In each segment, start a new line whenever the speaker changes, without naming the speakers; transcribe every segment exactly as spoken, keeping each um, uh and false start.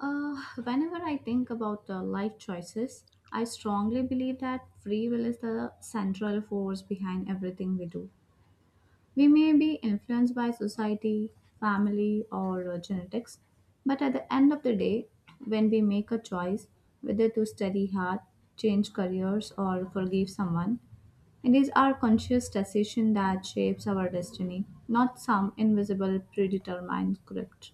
Uh, whenever I think about uh, life choices, I strongly believe that free will is the central force behind everything we do. We may be influenced by society, family, or uh, genetics, but at the end of the day, when we make a choice whether to study hard, change careers, or forgive someone, it is our conscious decision that shapes our destiny, not some invisible predetermined script.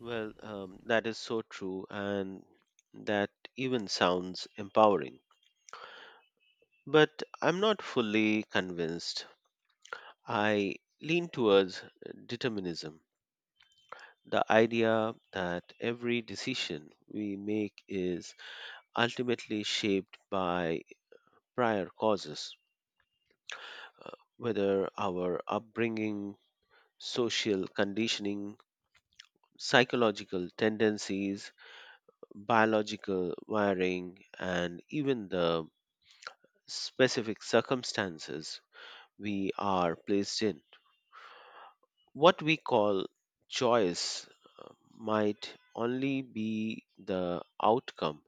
Well, um, that is so true, and that even sounds empowering. But I'm not fully convinced. I lean towards determinism, the idea that every decision we make is ultimately shaped by prior causes, whether our upbringing, social conditioning, psychological tendencies, biological wiring, and even the specific circumstances we are placed in. What we call choice uh, might only be the outcome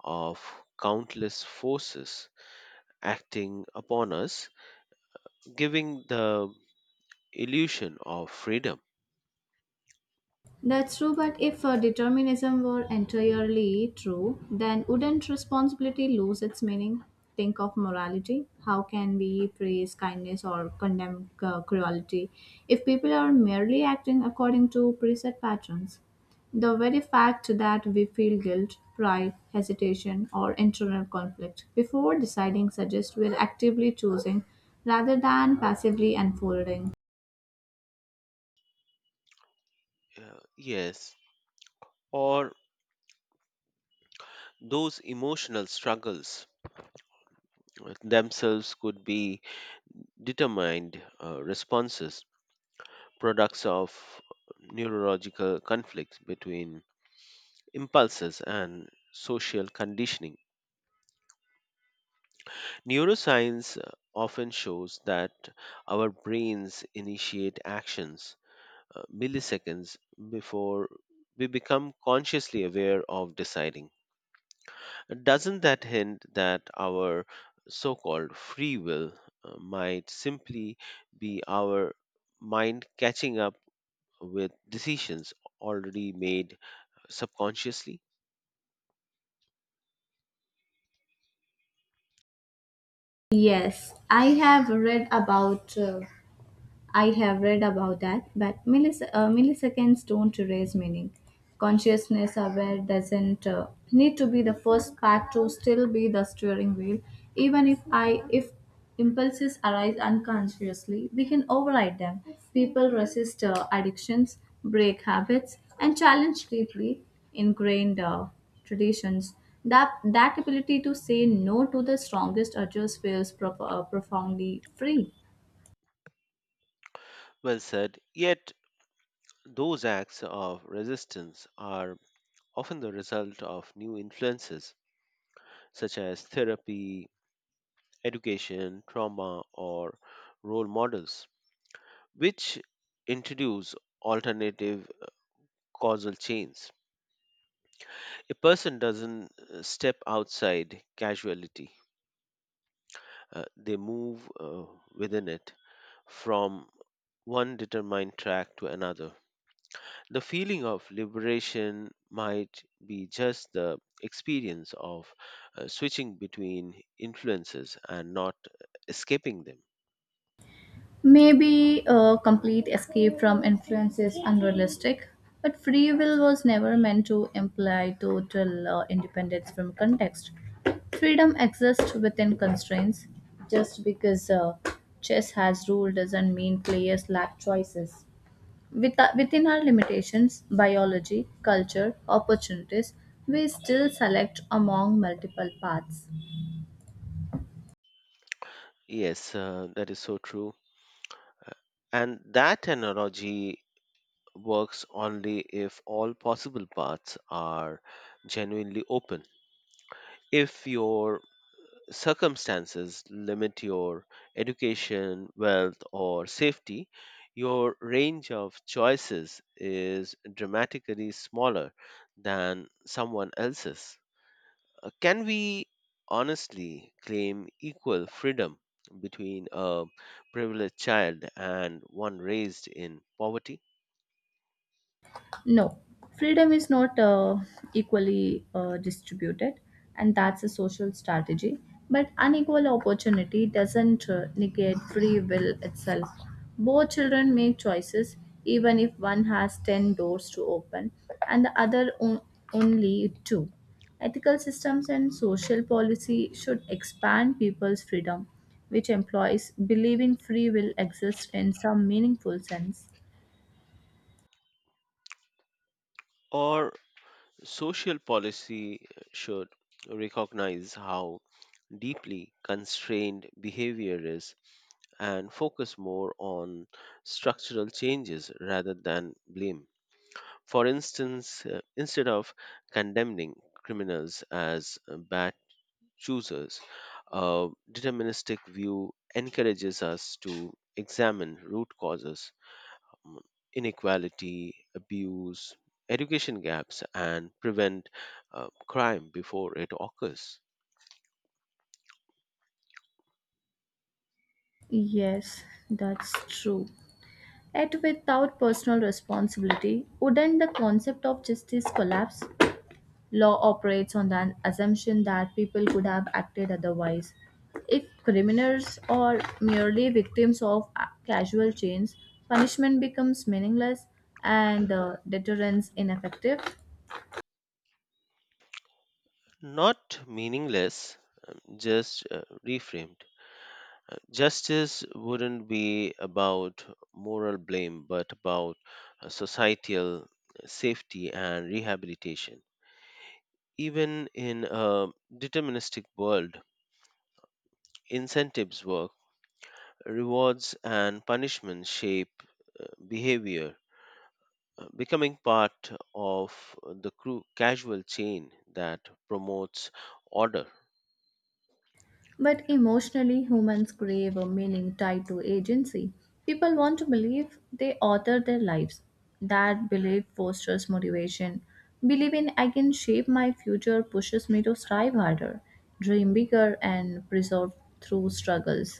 of countless forces acting upon us, giving the illusion of freedom.
That's true, but if uh, determinism were entirely true, then wouldn't responsibility lose its meaning? Think of morality. How can we praise kindness or condemn uh, cruelty if people are merely acting according to preset patterns? The very fact that we feel guilt, pride, hesitation, or internal conflict before deciding suggests we're actively choosing rather than passively unfolding.
Yeah, yes, or those emotional struggles uh, themselves could be determined uh, responses, products of neurological conflicts between impulses and social conditioning. Neuroscience uh, often shows that our brains initiate actions uh, milliseconds before we become consciously aware of deciding. Doesn't that hint that our so called free will uh, might simply be our mind catching up with decisions already made subconsciously?
Yes, I have read about uh, I have read about that, but millis- uh, milliseconds don't erase meaning. Consciousness aware doesn't uh, need to be the first part to still be the steering wheel, even if I if impulses arise unconsciously, we can override them. People resist uh, addictions, break habits, and challenge deeply ingrained uh, traditions. That, that ability to say no to the strongest urges feels prof- uh, profoundly free.
Well said, yet those acts of resistance are often the result of new influences such as therapy, education, trauma, or role models, which introduce alternative causal chains. A person doesn't uh, step outside casuality, uh, they move uh, within it from one determined track to another. The feeling of liberation might be just the experience of uh, switching between influences and not escaping them.
Maybe a complete escape from influence is unrealistic, but free will was never meant to imply total uh, independence from context. Freedom exists within constraints. Just because uh, chess has rules doesn't mean players lack choices. With, uh, within our limitations, biology, culture, opportunities, we still select among multiple paths.
Yes, uh, that is so true. And that analogy works only if all possible paths are genuinely open. If your circumstances limit your education, wealth, or safety, your range of choices is dramatically smaller than someone else's. Uh, Can we honestly claim equal freedom between a privileged child and one raised in poverty?
No, freedom is not uh, equally uh, distributed, and that's a social strategy. But unequal opportunity doesn't uh, negate free will itself. Both children make choices, even if one has ten doors to open and the other on- only two. Ethical systems and social policy should expand people's freedom, which employs believing free will exists in some meaningful sense.
Or social policy should recognize how deeply constrained behavior is and focus more on structural changes rather than blame. For instance, uh, instead of condemning criminals as uh, bad choosers, a deterministic view encourages us to examine root causes: um, inequality, abuse, education gaps, and prevent uh, crime before it occurs.
Yes, that's true. Yet without personal responsibility, wouldn't the concept of justice collapse? Law operates on the assumption that people could have acted otherwise. If criminals are merely victims of a- casual chains, punishment becomes meaningless and uh, deterrence ineffective.
Not meaningless, just uh, reframed. Justice wouldn't be about moral blame, but about uh, societal safety and rehabilitation. Even in a deterministic world, incentives work, rewards and punishments shape behavior, uh, becoming part of the cru- casual chain that promotes order.
But emotionally, humans crave a meaning tied to agency. People want to believe they author their lives. That belief fosters motivation. Believing I can shape my future pushes me to strive harder, dream bigger, and persevere through struggles.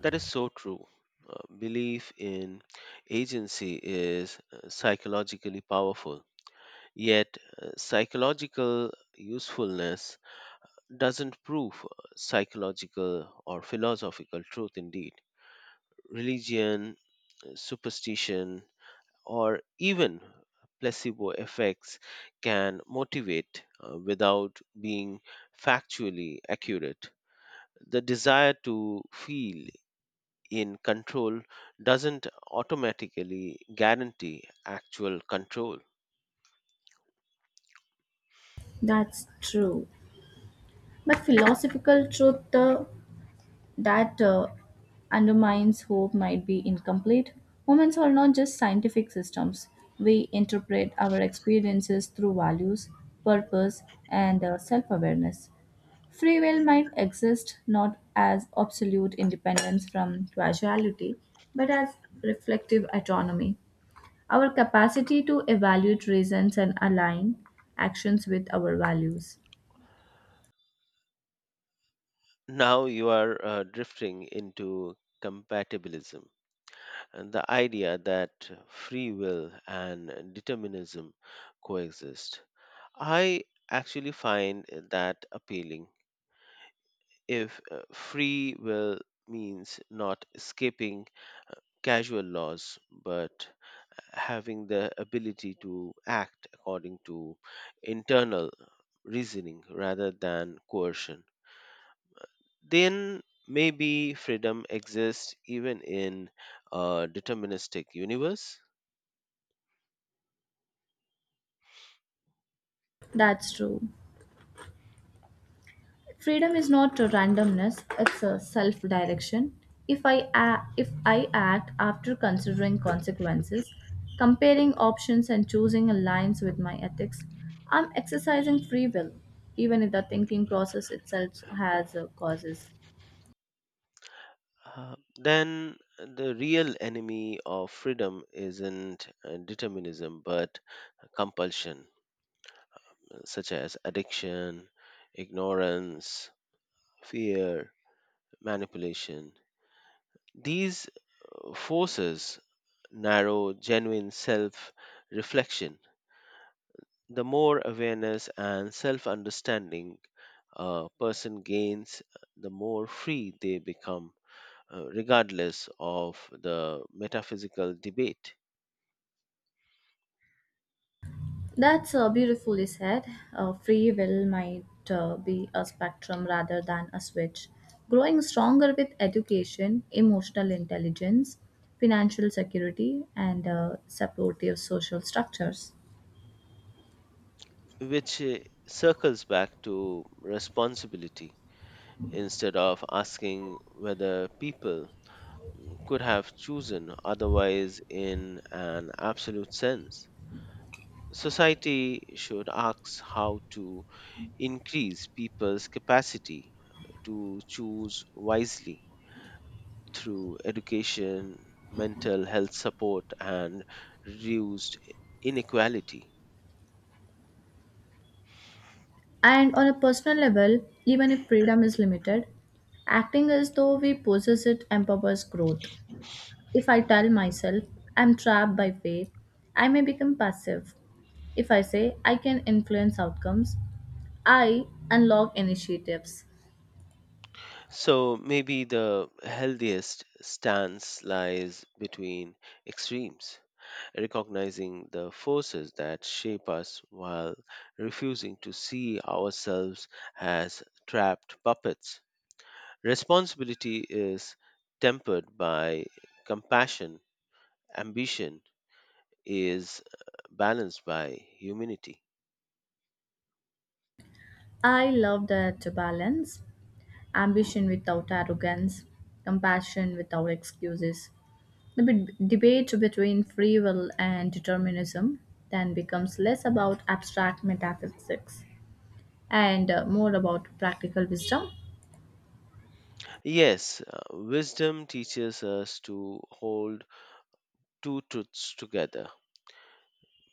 That is so true. Uh, belief in agency is uh, psychologically powerful. Yet, uh, psychological usefulness doesn't prove uh, psychological or philosophical truth indeed. Religion, uh, superstition, or even placebo effects can motivate uh, without being factually accurate. The desire to feel in control doesn't automatically guarantee actual control.
That's true. But philosophical truth uh, that uh, undermines hope might be incomplete. Humans are not just scientific systems. We interpret our experiences through values, purpose, and self awareness. Free will might exist not as absolute independence from causality, but as reflective autonomy. Our capacity to evaluate reasons and align actions with our values.
Now you are uh, drifting into compatibilism and the idea that free will and determinism coexist. I actually find that appealing. If uh, free will means not escaping casual laws but having the ability to act according to internal reasoning rather than coercion, then maybe freedom exists even in a deterministic universe.
That's true. Freedom is not a randomness, it's a self-direction. If I a- if I act after considering consequences, comparing options and choosing aligns with my ethics, I'm exercising free will, even if the thinking process itself has uh, causes.
Uh, then the real enemy of freedom isn't uh, determinism but compulsion, uh, such as addiction, ignorance, fear, manipulation. These forces narrow genuine self reflection The more awareness and self understanding a person gains, the more free they become, uh, regardless of the metaphysical debate,
That's uh, beautifully said. Uh, free will might uh, be a spectrum rather than a switch. Growing stronger with education, emotional intelligence, financial security, and uh, supportive social structures.
which uh, circles back to responsibility. Instead of asking whether people could have chosen otherwise in an absolute sense, society should ask how to increase people's capacity to choose wisely through education, mental health support, and reduced inequality.
And on a personal level, even if freedom is limited, acting as though we possess it empowers growth. If I tell myself I'm trapped by fate, I may become passive. If I say I can influence outcomes, I unlock initiatives.
So maybe the healthiest stance lies between extremes, recognizing the forces that shape us while refusing to see ourselves as trapped puppets. Responsibility is tempered by compassion; ambition is uh, balanced by humanity.
I love that balance ambition without arrogance, compassion without excuses. The bit- debate between free will and determinism then becomes less about abstract metaphysics and uh, more about practical wisdom.
Yes, uh, wisdom teaches us to hold two truths together.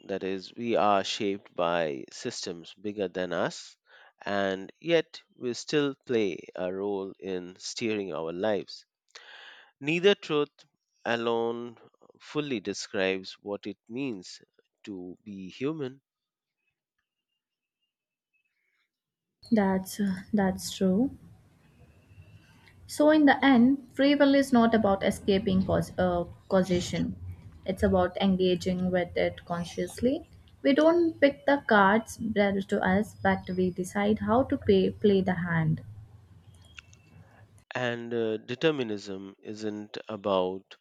That is, we are shaped by systems bigger than us, and yet we still play a role in steering our lives. Neither truth alone fully describes what it means to be human,
That's uh, that's true. So, in the end, free will is not about escaping cause, uh, causation. It's about engaging with it consciously. We don't pick the cards dealt to us, but we decide how to pay, play the hand.
and uh, determinism isn't about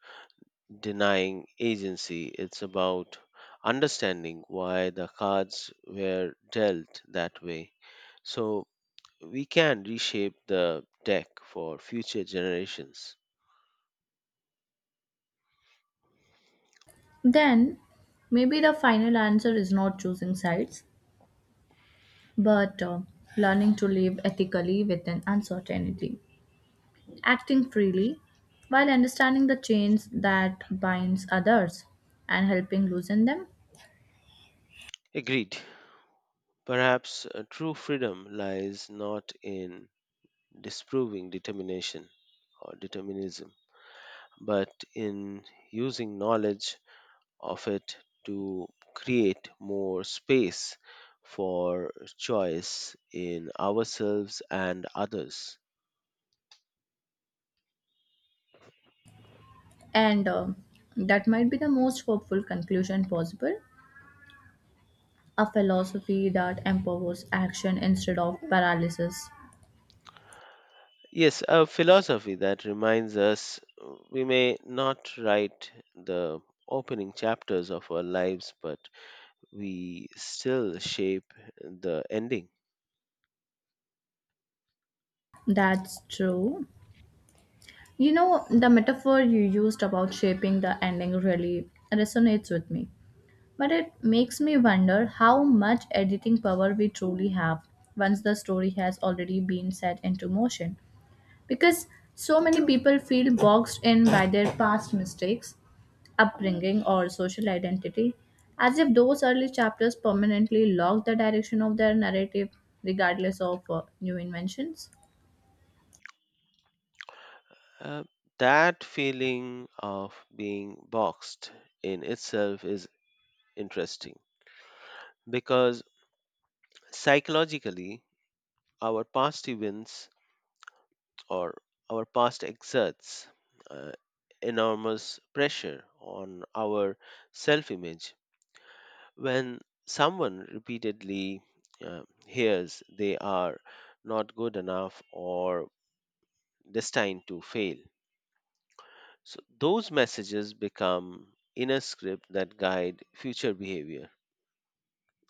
denying agency. It's about understanding why the cards were dealt that way, so we can reshape the deck for future generations.
Then, maybe the final answer is not choosing sides, but uh, learning to live ethically within uncertainty, acting freely while understanding the chains that binds others and helping loosen them.
Agreed. Perhaps uh, true freedom lies not in disproving determination or determinism, but in using knowledge of it to create more space for choice in ourselves and others.
And um That might be the most hopeful conclusion possible, a philosophy that empowers action instead of paralysis.
Yes, a philosophy that reminds us uh, we may not write the opening chapters of our lives, but we still shape the ending.
That's true. You know, the metaphor you used about shaping the ending really resonates with me. But it makes me wonder how much editing power we truly have once the story has already been set into motion, because so many people feel boxed in by their past mistakes, upbringing, or social identity, as if those early chapters permanently lock the direction of their narrative, regardless of uh, new inventions.
Uh, that feeling of being boxed in itself is interesting, because psychologically, our past events, or our past, exerts uh, enormous pressure on our self image. When someone repeatedly uh, hears they are not good enough or destined to fail, so those messages become inner script that guide future behavior.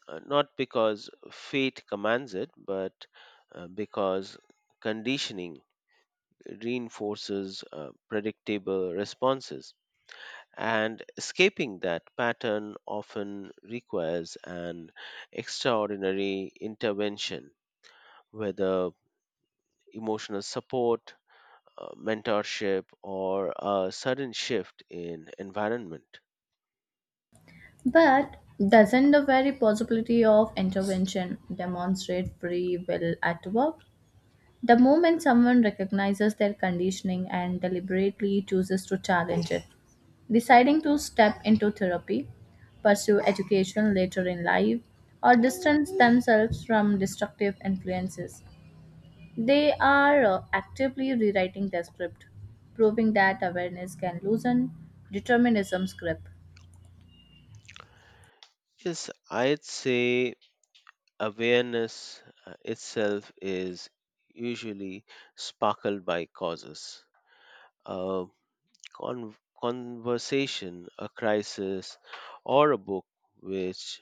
Uh, not because fate commands it, but uh, because conditioning reinforces uh, predictable responses. And escaping that pattern often requires an extraordinary intervention, whether emotional support, uh, mentorship, or a sudden shift in environment.
But doesn't the very possibility of intervention demonstrate free will at work? The moment someone recognizes their conditioning and deliberately chooses to challenge it, deciding to step into therapy, pursue education later in life, or distance themselves from destructive influences. They are uh, actively rewriting their script, proving that awareness can loosen determinism's grip.
Yes, I'd say awareness uh, itself is usually sparkled by causes. Uh, con- Conversation, a crisis, or a book which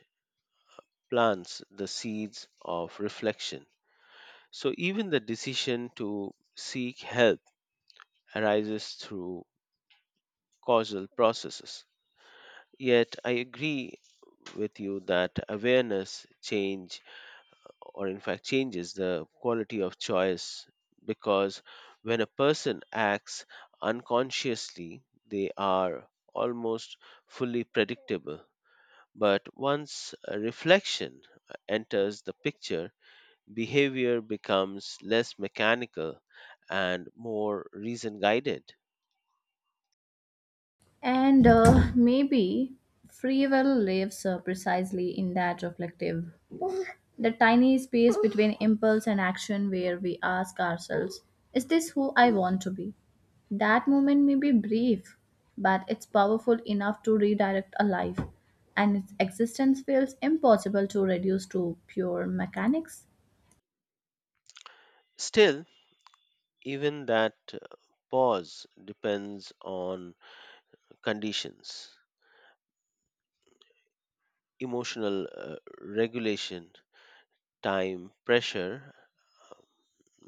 plants the seeds of reflection. So even the decision to seek help arises through causal processes. Yet I agree with you that awareness change, or in fact changes, the quality of choice, because when a person acts unconsciously they are almost fully predictable. But once a reflection enters the picture, behavior becomes less mechanical and more reason guided.
And uh, maybe free will lives uh, precisely in that reflective, the tiny space between impulse and action where we ask ourselves, is this who I want to be? That moment may be brief, but it's powerful enough to redirect a life, and its existence feels impossible to reduce to pure mechanics.
Still, even that uh, pause depends on conditions: emotional uh, regulation, time, pressure,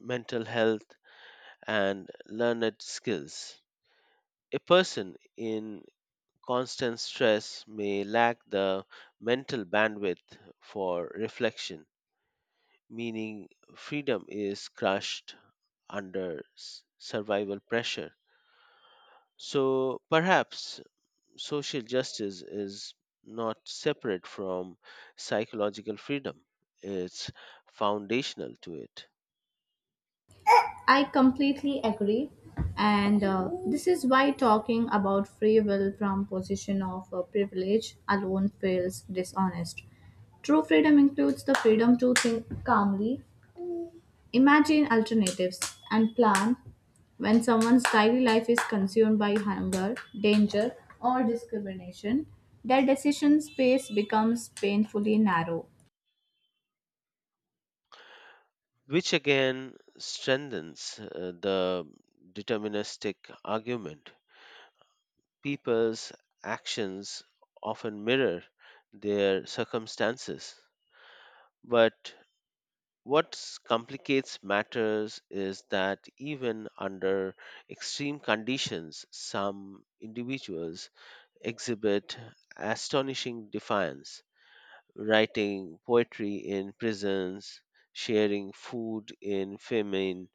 mental health, and learned skills. A person in constant stress may lack the mental bandwidth for reflection, meaning freedom is crushed under s- survival pressure. So perhaps social justice is not separate from psychological freedom, it's foundational to it,
I completely agree. And uh, this is why talking about free will from position of uh, privilege alone feels dishonest. True freedom includes the freedom to think calmly, imagine alternatives and plan when someone's daily life is consumed by hunger, danger, or discrimination. Their decision space becomes painfully narrow.
which again strengthens uh, the deterministic argument. People's actions often mirror their circumstances. But what complicates matters is that even under extreme conditions, some individuals exhibit astonishing defiance: writing poetry in prisons, sharing food in famine,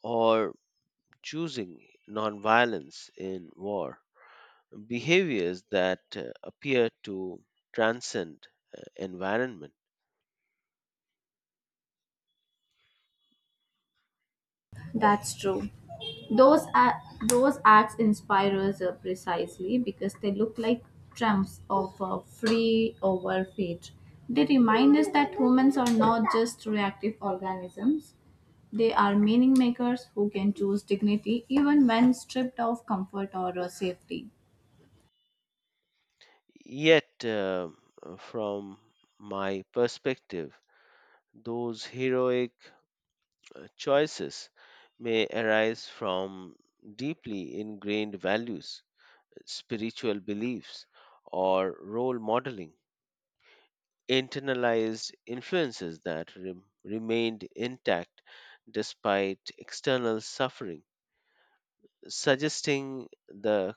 or choosing nonviolence in war. Behaviors that uh, appear to transcend uh, environment.
That's true. Those a- those acts inspire us uh, precisely because they look like trumps of a free over fate. They remind us that humans are not just reactive organisms. They are meaning makers who can choose dignity even when stripped of comfort or uh, safety.
Yet, uh, uh, from my perspective, those heroic uh, choices may arise from deeply ingrained values, spiritual beliefs, or role modeling, internalized influences that rem remained intact despite external suffering, suggesting the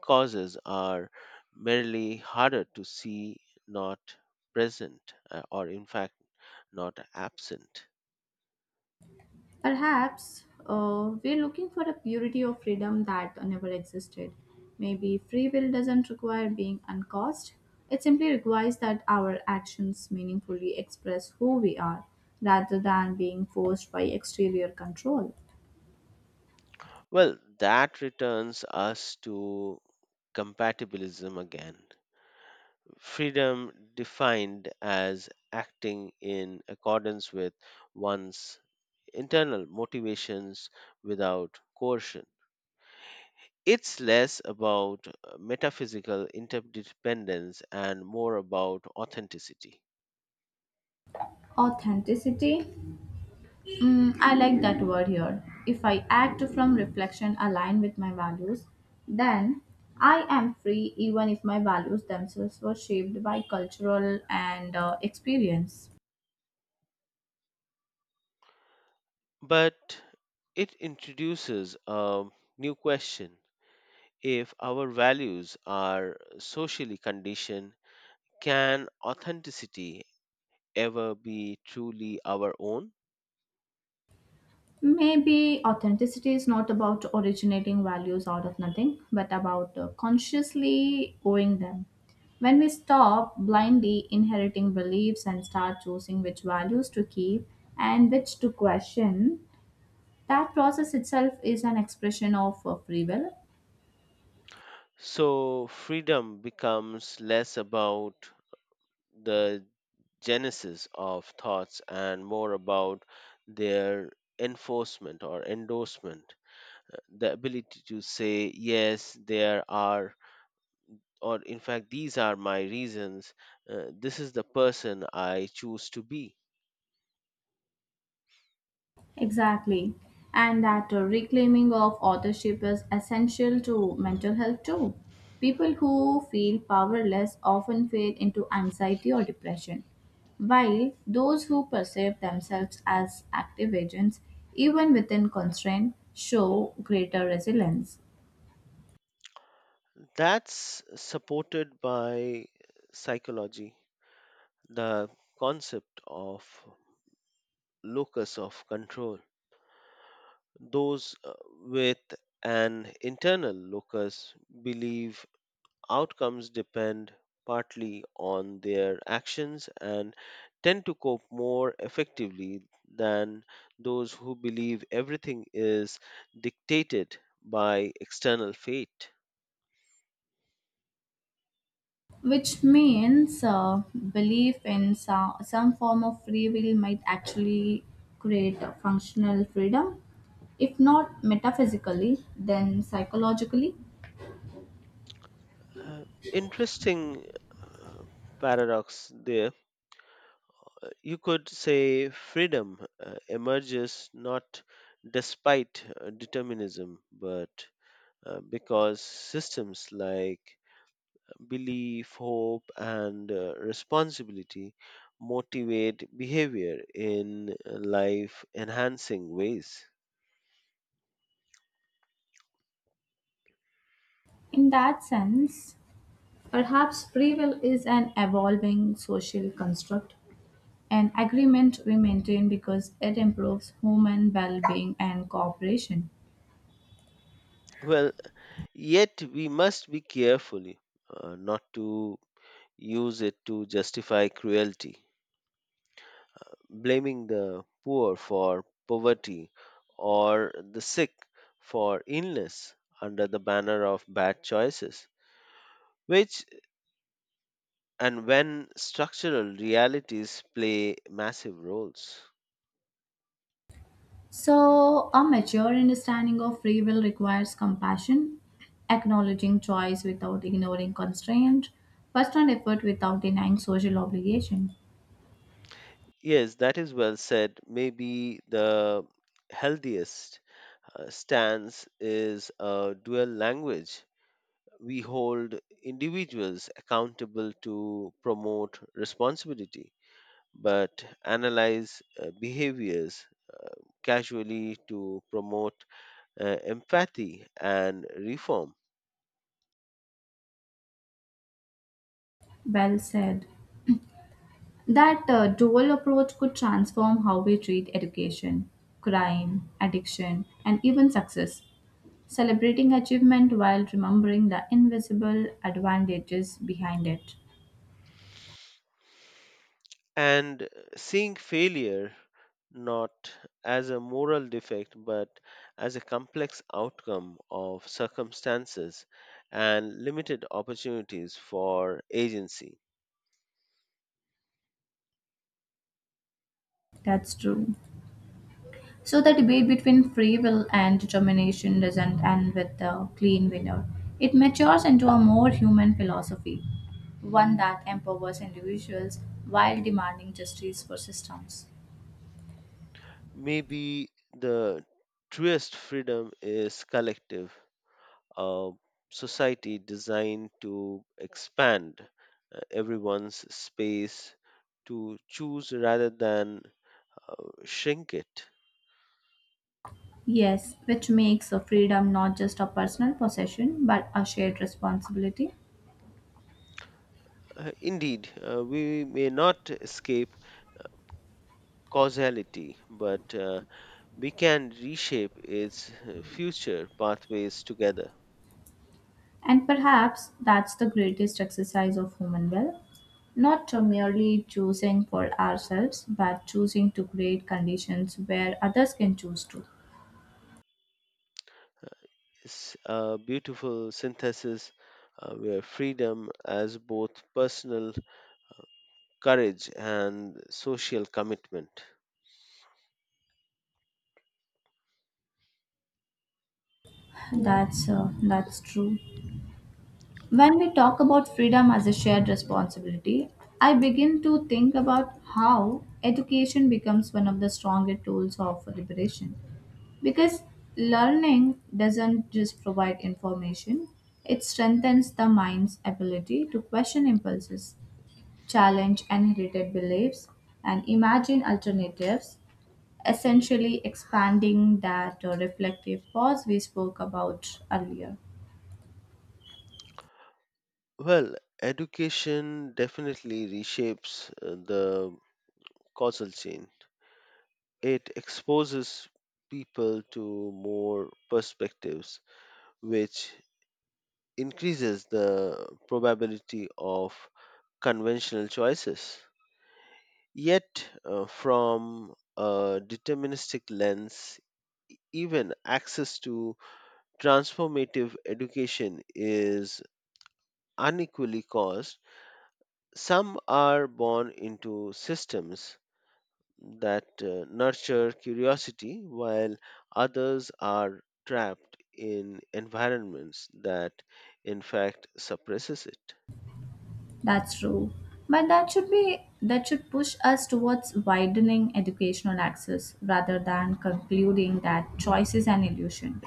causes are merely harder to see, not present, uh, or in fact, not absent.
Perhaps uh, we're looking for a purity of freedom that never existed. Maybe free will doesn't require being uncaused, it simply requires that our actions meaningfully express who we are rather than being forced by exterior control.
Well, that returns us to compatibilism again. Freedom defined as acting in accordance with one's internal motivations without coercion. It's less about uh, metaphysical interdependence and more about authenticity.
Authenticity, mm, I like that word here. If I act from reflection aligned with my values, then I am free even if my values themselves were shaped by cultural and uh, experience.
But it introduces a new question. If our values are socially conditioned, can authenticity ever be truly our own?
Maybe authenticity is not about originating values out of nothing, but about uh, consciously owing them. When we stop blindly inheriting beliefs and start choosing which values to keep and which to question, that process itself is an expression of uh, free will.
So freedom becomes less about the genesis of thoughts and more about their enforcement or endorsement. Uh, The ability to say, yes, there are, or in fact, these are my reasons, uh, this is the person I choose to be.
Exactly. And that uh, reclaiming of authorship is essential to mental health too. People who feel powerless often fade into anxiety or depression, while those who perceive themselves as active agents, even within constraint, show greater resilience.
That's supported by psychology, the concept of locus of control. Those uh, with an internal locus believe outcomes depend partly on their actions and tend to cope more effectively than those who believe everything is dictated by external fate.
Which means uh, belief in so- some form of free will might actually create a functional freedom, if not metaphysically, then psychologically.
Uh, Interesting uh, paradox there. You could say freedom uh, emerges not despite uh, determinism, but uh, because systems like belief, hope, and uh, responsibility motivate behavior in uh, life enhancing ways.
In that sense, perhaps free will is an evolving social construct, an agreement we maintain because it improves human well being and cooperation.
Well, yet we must be careful uh, not to use it to justify cruelty. Blaming the poor for poverty or the sick for illness under the banner of bad choices, which, and when, structural realities play massive roles.
So, a mature understanding of free will requires compassion, acknowledging choice without ignoring constraint, personal effort without denying social obligation.
Yes, that is well said. Maybe the healthiest uh, stance is a dual language. We hold individuals accountable to promote responsibility, but analyze uh, behaviors casually to promote uh, empathy and reform.
Well said. That uh, dual approach could transform how we treat education, crime, addiction, and even success. Celebrating achievement while remembering the invisible advantages behind it.
And seeing failure not as a moral defect but as a complex outcome of circumstances and limited opportunities for agency.
That's true. So the debate between free will and determination doesn't end with a clean winner. It matures into a more human philosophy, one that empowers individuals while demanding justice for systems.
Maybe the truest freedom is collective, a society designed to expand uh, everyone's space to choose rather than shrink it.
Yes, which makes a freedom not just a personal possession but a shared responsibility.
Uh, indeed, uh, we may not escape causality, but uh, we can reshape its uh, future pathways together.
And perhaps that's the greatest exercise of human will, not to merely choosing for ourselves but choosing to create conditions where others can choose too.
It's a beautiful synthesis uh, where freedom as both personal courage and social commitment.
That's uh, that's true. When we talk about freedom as a shared responsibility, I begin to think about how education becomes one of the stronger tools of liberation. Because learning doesn't just provide information, it strengthens the mind's ability to question impulses, challenge inherited beliefs, and imagine alternatives, essentially expanding that uh, reflective pause we spoke about earlier.
Well, education definitely reshapes uh, the causal chain. It exposes people to more perspectives, which increases the probability of conventional choices. Yet, uh, from a deterministic lens, even access to transformative education is unequally caused. Some are born into systems that uh, nurture curiosity, while others are trapped in environments that, in fact, suppresses it.
That's true. But that should be that should push us towards widening educational access rather than concluding that choice is an illusion.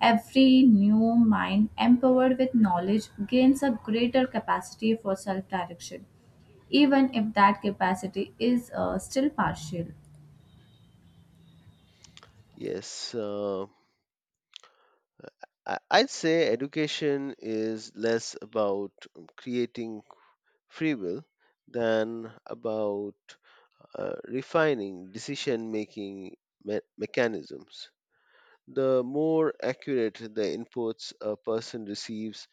Every new mind empowered with knowledge gains a greater capacity for self-direction, even if that capacity is uh, still partial.
Yes, uh, I- I'd say education is less about um, creating free will than about uh, refining decision making me- mechanisms. The more accurate the inputs a person receives,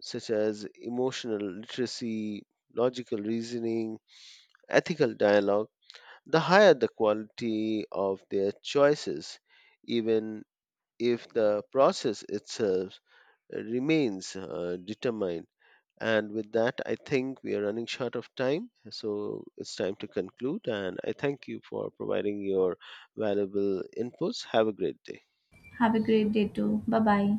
such as emotional literacy, logical reasoning, ethical dialogue, the higher the quality of their choices, even if the process itself remains uh, determined. And with that, I think we are running short of time. So it's time to conclude. And I thank you for providing your valuable inputs. Have a great day.
Have a great day too. Bye bye.